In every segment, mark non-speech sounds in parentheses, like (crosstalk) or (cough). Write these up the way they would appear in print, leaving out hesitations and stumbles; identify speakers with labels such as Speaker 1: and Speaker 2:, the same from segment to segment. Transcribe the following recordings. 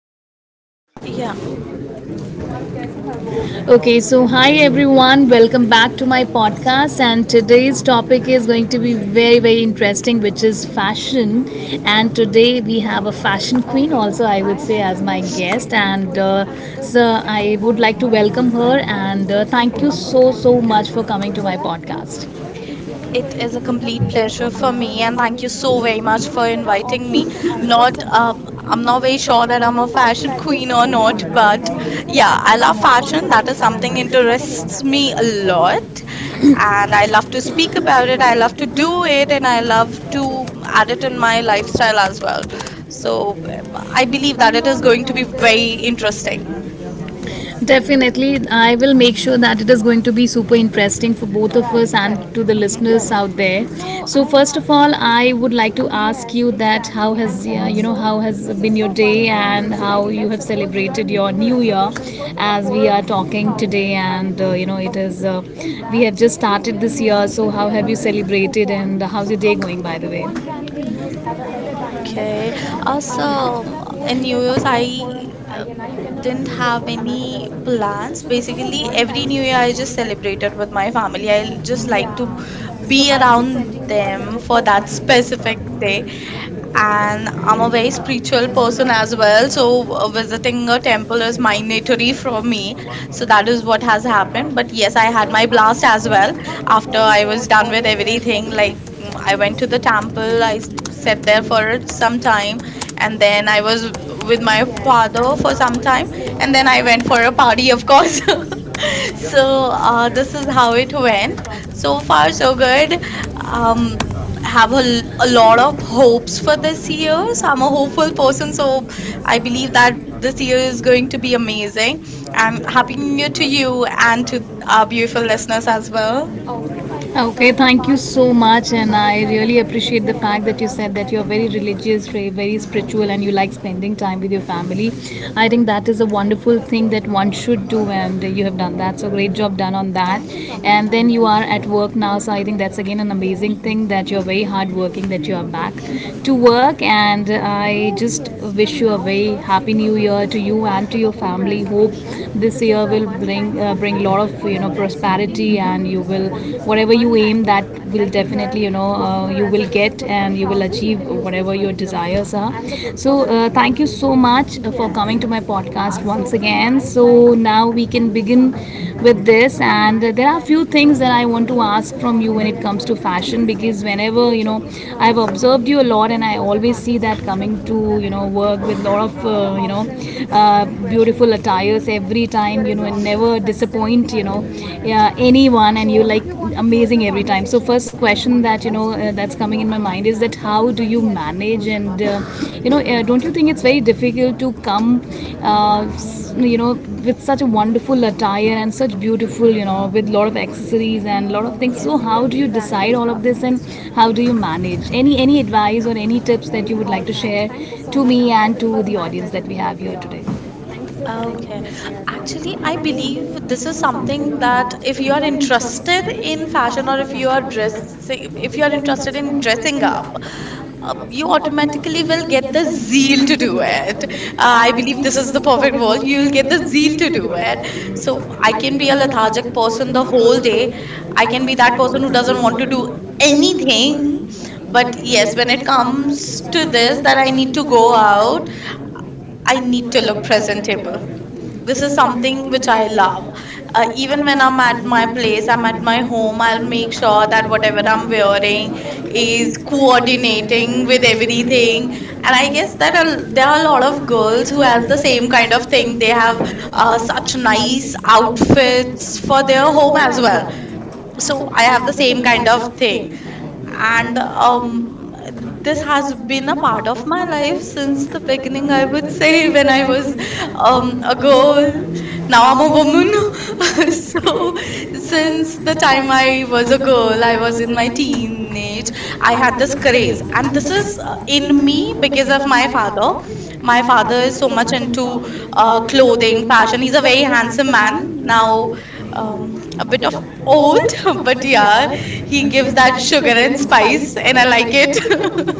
Speaker 1: तो नाम नहीं लेने.
Speaker 2: Yeah,
Speaker 1: Okay, so hi everyone, welcome back to my podcast. And today's topic is going to be very, very interesting, which is fashion. And today we have a fashion queen, also, I would say, as my guest. And so I would like to welcome her and thank you so, so much for coming to my podcast.
Speaker 2: it is a complete pleasure for me, and thank you so very much for inviting me. Not, I'm not very sure that I'm a fashion queen or not, but yeah,
Speaker 1: (laughs)
Speaker 2: I love fashion. That
Speaker 1: I'm
Speaker 2: is something interests me a lot, and I love to speak about it. I love to do it, and I love to add it in my lifestyle as well. So I believe that it is going to be very interesting.
Speaker 1: interesting. Definitely, I will make sure that it is going to be super interesting for both of us and to the
Speaker 2: Mm-hmm.
Speaker 1: listeners out there. So,
Speaker 2: Mhm.
Speaker 1: first of all, I would like to ask you that how has been your day and how you have celebrated your new year, as we are talking today, and it is we have just started this year. So, how have you celebrated and how's your day going? By the way,
Speaker 2: Okay. Also, in New Year's, I uh, didn't have any plans. Basically, every New Year I just celebrated with my family. I just like to be around them for that specific day. And I'm a very spiritual person as well, so visiting a temple is mandatory for me. So that is what has happened. But yes, I had my blast as well. After I was done with everything, like I went to the temple, I sat there for some time, and then I was with my father for some time, and then I went for a party, of course. (laughs) So, this is how it went. So far, so good. Have a lot of hopes for this year. So, I'm a hopeful person, so I believe that this year is going to be amazing. And happy new year to
Speaker 1: Get
Speaker 2: you and to our beautiful listeners as well.
Speaker 1: Okay, thank you so much, and I really appreciate the fact that you said that you're very religious, very very spiritual, and you like spending time with your family. I think that is a wonderful thing that one should do, and you have done that. So great job done on that. And then you are at work now, so I think that's again an amazing thing that you're very hardworking, that you are back to work, and I just wish you a very happy new year to you and to your family. Hope this year will bring a lot of prosperity, and you will whatever you aim that will definitely you will get, and you will achieve whatever your desires are. So thank you so much for coming to my podcast once again. So now we can begin with this, and there are a few things that I want to ask from you when it comes to fashion, because whenever I've observed you a lot and I always see that coming to work with a lot of beautiful attires every time, and never disappoint yeah, anyone, and you like amazing every time. So first question that that's coming in my mind is that how do you manage, and don't you think it's very difficult to come uh, s- you know with such a wonderful attire and such beautiful with lot of accessories and lot of things? So how do you decide all of this, and how do you manage, any advice or any tips that you would like to share to me and to the audience that we have here today?
Speaker 2: Okay. Actually, I
Speaker 1: I think
Speaker 2: believe this
Speaker 1: this
Speaker 2: is
Speaker 1: is
Speaker 2: something
Speaker 1: something
Speaker 2: that
Speaker 1: that
Speaker 2: if you are
Speaker 1: interests
Speaker 2: interested
Speaker 1: in
Speaker 2: in fashion or if you are dressing, if you
Speaker 1: if
Speaker 2: are
Speaker 1: you are
Speaker 2: interested
Speaker 1: interested
Speaker 2: in
Speaker 1: in
Speaker 2: dressing
Speaker 1: supplement
Speaker 2: up, you automatically will get
Speaker 1: get
Speaker 2: the
Speaker 1: the
Speaker 2: zeal
Speaker 1: zeal
Speaker 2: to do
Speaker 1: to
Speaker 2: it.
Speaker 1: add.
Speaker 2: I believe this is the
Speaker 1: You
Speaker 2: perfect word.
Speaker 1: will-
Speaker 2: You'll
Speaker 1: you
Speaker 2: get the
Speaker 1: get the
Speaker 2: zeal
Speaker 1: zeal
Speaker 2: to
Speaker 1: to
Speaker 2: do it.
Speaker 1: add.
Speaker 2: So
Speaker 1: So
Speaker 2: I can be a lethargic
Speaker 1: the
Speaker 2: person the whole
Speaker 1: whole
Speaker 2: day.
Speaker 1: day
Speaker 2: I can be that person who doesn't want to
Speaker 1: to
Speaker 2: do
Speaker 1: do
Speaker 2: anything.
Speaker 1: anything,
Speaker 2: But
Speaker 1: but
Speaker 2: yes,
Speaker 1: it
Speaker 2: when it
Speaker 1: comes
Speaker 2: comes to
Speaker 1: to
Speaker 2: this, that I need to go out,
Speaker 1: now,
Speaker 2: I
Speaker 1: I
Speaker 2: need to
Speaker 1: need to
Speaker 2: look
Speaker 1: look
Speaker 2: presentable.
Speaker 1: presentable.
Speaker 2: This is
Speaker 1: So
Speaker 2: something
Speaker 1: something
Speaker 2: which I love. Even when I'm at my
Speaker 1: my
Speaker 2: place,
Speaker 1: place,
Speaker 2: I'm
Speaker 1: I'm
Speaker 2: at
Speaker 1: at
Speaker 2: my
Speaker 1: my
Speaker 2: home,
Speaker 1: home,
Speaker 2: I'll
Speaker 1: I'll
Speaker 2: make
Speaker 1: make
Speaker 2: sure that whatever I'm
Speaker 1: sure
Speaker 2: wearing
Speaker 1: it
Speaker 2: is
Speaker 1: is
Speaker 2: coordinating
Speaker 1: coordinating
Speaker 2: with
Speaker 1: with
Speaker 2: everything.
Speaker 1: everything.
Speaker 2: And I guess
Speaker 1: It's
Speaker 2: there
Speaker 1: a
Speaker 2: are a lot
Speaker 1: lot
Speaker 2: of
Speaker 1: of good
Speaker 2: girls who have the same kind of thing. They
Speaker 1: things. They
Speaker 2: have
Speaker 1: have
Speaker 2: such
Speaker 1: such
Speaker 2: nice
Speaker 1: nice
Speaker 2: outfits
Speaker 1: outfits
Speaker 2: for their home
Speaker 1: home
Speaker 2: as
Speaker 1: as
Speaker 2: well.
Speaker 1: well.
Speaker 2: So
Speaker 1: So
Speaker 2: I
Speaker 1: I
Speaker 2: have the
Speaker 1: have the
Speaker 2: same
Speaker 1: same
Speaker 2: kind
Speaker 1: kind
Speaker 2: of
Speaker 1: of
Speaker 2: thing,
Speaker 1: thing.
Speaker 2: and
Speaker 1: And um,
Speaker 2: this
Speaker 1: this
Speaker 2: has
Speaker 1: has
Speaker 2: been a
Speaker 1: been a
Speaker 2: part
Speaker 1: part
Speaker 2: of
Speaker 1: of
Speaker 2: my
Speaker 1: my
Speaker 2: life
Speaker 1: life
Speaker 2: since
Speaker 1: since
Speaker 2: the
Speaker 1: the
Speaker 2: beginning,
Speaker 1: beginning,
Speaker 2: I
Speaker 1: I
Speaker 2: would (laughs)
Speaker 1: would
Speaker 2: say.
Speaker 1: say.
Speaker 2: When I
Speaker 1: It
Speaker 2: was
Speaker 1: was
Speaker 2: a
Speaker 1: a girl,
Speaker 2: girl, now I'm a
Speaker 1: a
Speaker 2: woman. (laughs)
Speaker 1: woman, (laughs) so,
Speaker 2: So since the
Speaker 1: since
Speaker 2: time I was a girl, I was in my
Speaker 1: my
Speaker 2: teenage,
Speaker 1: teenage
Speaker 2: I had this craze.
Speaker 1: craze.
Speaker 2: And
Speaker 1: And
Speaker 2: this
Speaker 1: this
Speaker 2: is
Speaker 1: is
Speaker 2: in
Speaker 1: in
Speaker 2: me
Speaker 1: me
Speaker 2: because of my father. My
Speaker 1: before
Speaker 2: father is so much
Speaker 1: into
Speaker 2: into clothing,
Speaker 1: clothing
Speaker 2: fashion. He's a very handsome
Speaker 1: man.
Speaker 2: man. Now,
Speaker 1: Now,
Speaker 2: a
Speaker 1: um,
Speaker 2: bit of old, (laughs) but yeah, he gives that
Speaker 1: that
Speaker 2: sugar
Speaker 1: sugar
Speaker 2: and
Speaker 1: and
Speaker 2: spice,
Speaker 1: spice
Speaker 2: and I like it.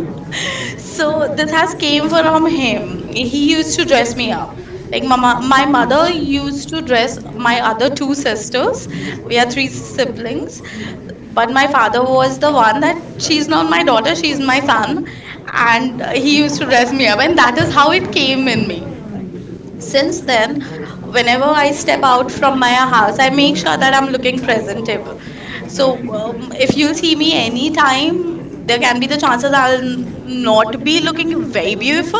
Speaker 2: (laughs) So this has came
Speaker 1: came
Speaker 2: from
Speaker 1: from him.
Speaker 2: him. He used to dress me
Speaker 1: Yeah.
Speaker 2: up like
Speaker 1: People
Speaker 2: mama, my mother used
Speaker 1: used
Speaker 2: to
Speaker 1: to
Speaker 2: dress
Speaker 1: test
Speaker 2: my other two
Speaker 1: discuss the
Speaker 2: sisters. We
Speaker 1: things
Speaker 2: are three siblings, but my father was the one that she's not my daughter, she's my son, and
Speaker 1: and
Speaker 2: he
Speaker 1: he
Speaker 2: used
Speaker 1: used
Speaker 2: to
Speaker 1: to
Speaker 2: dress me up, and that is how it came in me.
Speaker 1: remember me.
Speaker 2: Since
Speaker 1: Since
Speaker 2: then,
Speaker 1: then,
Speaker 2: whenever
Speaker 1: before
Speaker 2: I
Speaker 1: I
Speaker 2: step
Speaker 1: step
Speaker 2: out
Speaker 1: out,
Speaker 2: from my house, I
Speaker 1: I
Speaker 2: make
Speaker 1: make
Speaker 2: sure
Speaker 1: sure I'm
Speaker 2: that I'm looking
Speaker 1: different.
Speaker 2: presentable. So
Speaker 1: So
Speaker 2: if you'll see me
Speaker 1: anytime
Speaker 2: anytime, there can be the chances I'll
Speaker 1: I'm
Speaker 2: not be looking
Speaker 1: looking
Speaker 2: very
Speaker 1: better,
Speaker 2: beautiful,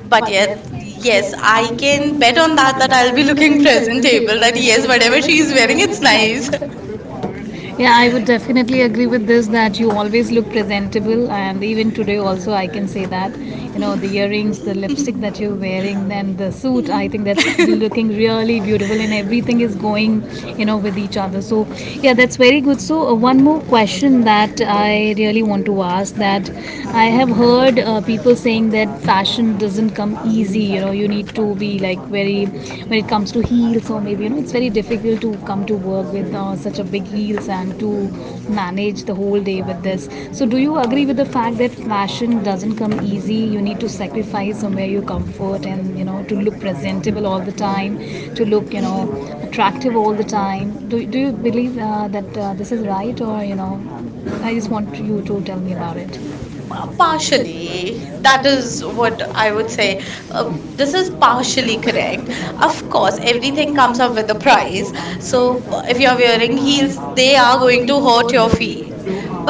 Speaker 2: but yet, yes,
Speaker 1: yes,
Speaker 2: I
Speaker 1: I
Speaker 2: can
Speaker 1: can
Speaker 2: bet on that, that I'll be
Speaker 1: will be
Speaker 2: looking (laughs)
Speaker 1: looking
Speaker 2: presentable, that yes, whatever she's wearing, it's nice. (laughs)
Speaker 1: myself. Yeah, I would definitely agree with this that you always look presentable, and even today, also, I can say that. You know, the earrings, the lipstick that you're wearing, then the suit,
Speaker 2: Hmm.
Speaker 1: I think that's (laughs) looking really beautiful, and everything is going, you know, with each other. So, yeah, that's very good. So, one more question that I really
Speaker 2: (laughs)
Speaker 1: want to ask, that I have heard people saying that fashion doesn't come easy. You need to be like very when it comes to heels, or maybe you know it's very difficult to come to work with such a big heels and to manage the whole day with this. So do you agree with the fact that fashion doesn't come easy, you need to sacrifice somewhere your comfort and to look presentable all the time, to look attractive all the time? Do You believe that this is right, or I just want you to tell me about it.
Speaker 2: Partially, that
Speaker 1: That is
Speaker 2: is what I would say. This
Speaker 1: this
Speaker 2: is
Speaker 1: is
Speaker 2: partially correct. Of
Speaker 1: up
Speaker 2: course, everything comes up with
Speaker 1: with
Speaker 2: a
Speaker 1: the price.
Speaker 2: price. So,
Speaker 1: So
Speaker 2: if you're wearing
Speaker 1: wearing
Speaker 2: heels,
Speaker 1: heels,
Speaker 2: they
Speaker 1: they
Speaker 2: are
Speaker 1: are
Speaker 2: going
Speaker 1: going
Speaker 2: to
Speaker 1: to
Speaker 2: hurt your
Speaker 1: be.
Speaker 2: feet.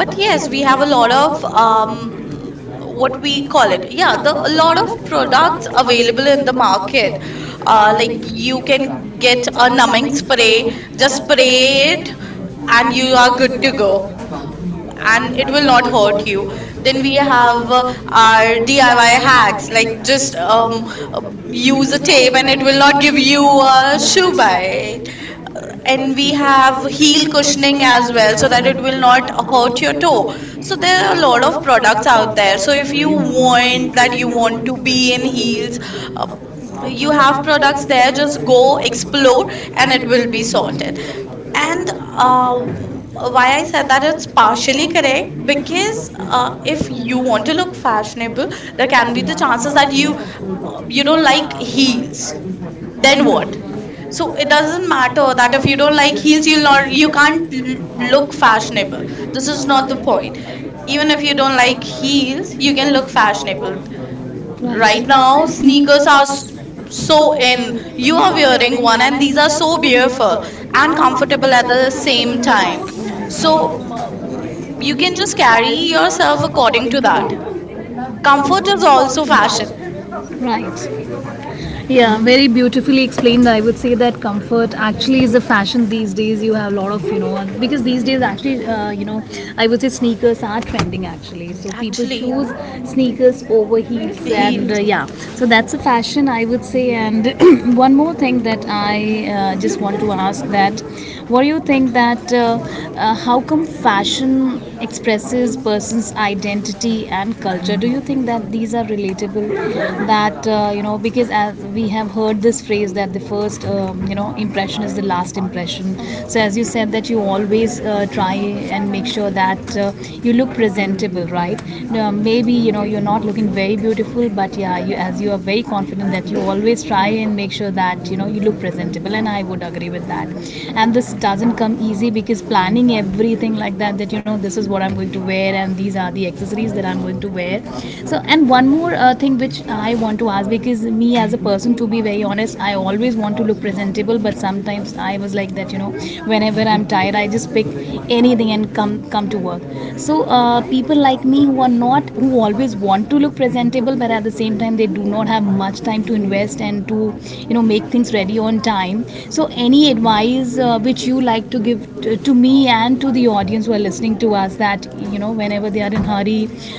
Speaker 1: But
Speaker 2: yes, we have a lot of
Speaker 1: um,
Speaker 2: what we call it. Yeah, the a lot of products available in the market. Like
Speaker 1: like
Speaker 2: you
Speaker 1: you
Speaker 2: can
Speaker 1: can
Speaker 2: get
Speaker 1: get
Speaker 2: a numbing
Speaker 1: comments and
Speaker 2: spray,
Speaker 1: it,
Speaker 2: just spray it, and you are good to go, and it will not hurt you. Then we have our DIY hacks. Like, just
Speaker 1: um,
Speaker 2: use
Speaker 1: you
Speaker 2: a tape and it will not give you a shoe
Speaker 1: should.
Speaker 2: bite. Uh, and we
Speaker 1: We have
Speaker 2: have heel cushioning as
Speaker 1: as
Speaker 2: well
Speaker 1: well
Speaker 2: so
Speaker 1: so
Speaker 2: that
Speaker 1: that
Speaker 2: it
Speaker 1: it
Speaker 2: will
Speaker 1: will
Speaker 2: not
Speaker 1: not
Speaker 2: hurt
Speaker 1: hurt
Speaker 2: your
Speaker 1: your
Speaker 2: toe.
Speaker 1: toe.
Speaker 2: So
Speaker 1: So
Speaker 2: there
Speaker 1: there
Speaker 2: are
Speaker 1: are
Speaker 2: a
Speaker 1: a lot
Speaker 2: lot of
Speaker 1: of products
Speaker 2: products out
Speaker 1: out
Speaker 2: there.
Speaker 1: there.
Speaker 2: So
Speaker 1: So
Speaker 2: if
Speaker 1: if
Speaker 2: you
Speaker 1: you want
Speaker 2: want
Speaker 1: that
Speaker 2: that you
Speaker 1: you
Speaker 2: want
Speaker 1: want
Speaker 2: to
Speaker 1: to
Speaker 2: be
Speaker 1: be
Speaker 2: in
Speaker 1: in
Speaker 2: heels,
Speaker 1: heels,
Speaker 2: uh, you
Speaker 1: you
Speaker 2: have
Speaker 1: have
Speaker 2: products
Speaker 1: products
Speaker 2: there.
Speaker 1: there. Just
Speaker 2: Just go
Speaker 1: go
Speaker 2: explore,
Speaker 1: explore
Speaker 2: and
Speaker 1: and
Speaker 2: it
Speaker 1: it
Speaker 2: will
Speaker 1: will
Speaker 2: be
Speaker 1: be
Speaker 2: sorted.
Speaker 1: sorted. And
Speaker 2: And
Speaker 1: uh,
Speaker 2: uh, why I said that it's partially correct,
Speaker 1: if you
Speaker 2: because if you want to look fashionable, there can be the chances that you don't like
Speaker 1: heels.
Speaker 2: heels.
Speaker 1: Then
Speaker 2: Then what?
Speaker 1: what?
Speaker 2: So
Speaker 1: So
Speaker 2: it
Speaker 1: it
Speaker 2: doesn't
Speaker 1: doesn't matter.
Speaker 2: matter that if you don't like heels, you'll not, you can't
Speaker 1: Look,
Speaker 2: look fashionable.
Speaker 1: like,
Speaker 2: This
Speaker 1: this
Speaker 2: is
Speaker 1: is
Speaker 2: not
Speaker 1: not
Speaker 2: the
Speaker 1: the
Speaker 2: point.
Speaker 1: point.
Speaker 2: Even if you don't like
Speaker 1: Like,
Speaker 2: heels, you can look fashionable.
Speaker 1: right.
Speaker 2: Right
Speaker 1: Right.
Speaker 2: now, sneakers
Speaker 1: Sneakers
Speaker 2: are
Speaker 1: are
Speaker 2: so
Speaker 1: so
Speaker 2: in.
Speaker 1: in
Speaker 2: You are wearing
Speaker 1: during
Speaker 2: one,
Speaker 1: one,
Speaker 2: and
Speaker 1: and
Speaker 2: these
Speaker 1: these
Speaker 2: are
Speaker 1: are
Speaker 2: so beautiful and
Speaker 1: at
Speaker 2: comfortable at the
Speaker 1: the
Speaker 2: same
Speaker 1: same
Speaker 2: time.
Speaker 1: time.
Speaker 2: So,
Speaker 1: So
Speaker 2: you can just carry yourself according to that.
Speaker 1: regard.
Speaker 2: Comfort is
Speaker 1: It's
Speaker 2: also
Speaker 1: also
Speaker 2: fashion,
Speaker 1: fashion. Right. Yeah, very beautifully explained. I would say that comfort actually is a fashion these days. You have a lot of, you know, because these days actually, you know, I would say sneakers are trending actually. So people
Speaker 2: actually.
Speaker 1: choose sneakers over heels
Speaker 2: He
Speaker 1: and yeah. So that's a fashion, I would say. And (clears throat) one more thing that I just want to ask, that what do you think that how come fashion expresses person's identity and culture, do you think that these are relatable, that you know, because as we have heard this phrase, that the first impression is the last impression.
Speaker 2: Mhm. Mhm.
Speaker 1: So as you said that you always try and make sure that you look presentable, right? Now, maybe you know you're not looking very beautiful, but yeah, you, as you are very confident, that you always try and make sure that you know you look presentable, and I would agree with that, and this doesn't come easy because planning everything like that, that you know this is what I'm going to wear and these are the accessories that I'm going to wear. So and one more thing which I want to ask, because me as a person, to be very honest, I always want to look presentable, but sometimes I was like that, you know, whenever I'm tired I just pick anything and come to work. So people like me who are not, who always want to look presentable but at the same time they do not have much time to invest and to you know make things ready on time, so any advice which you like to give to me and to the audience who are listening to us, that you know whenever they are in hurry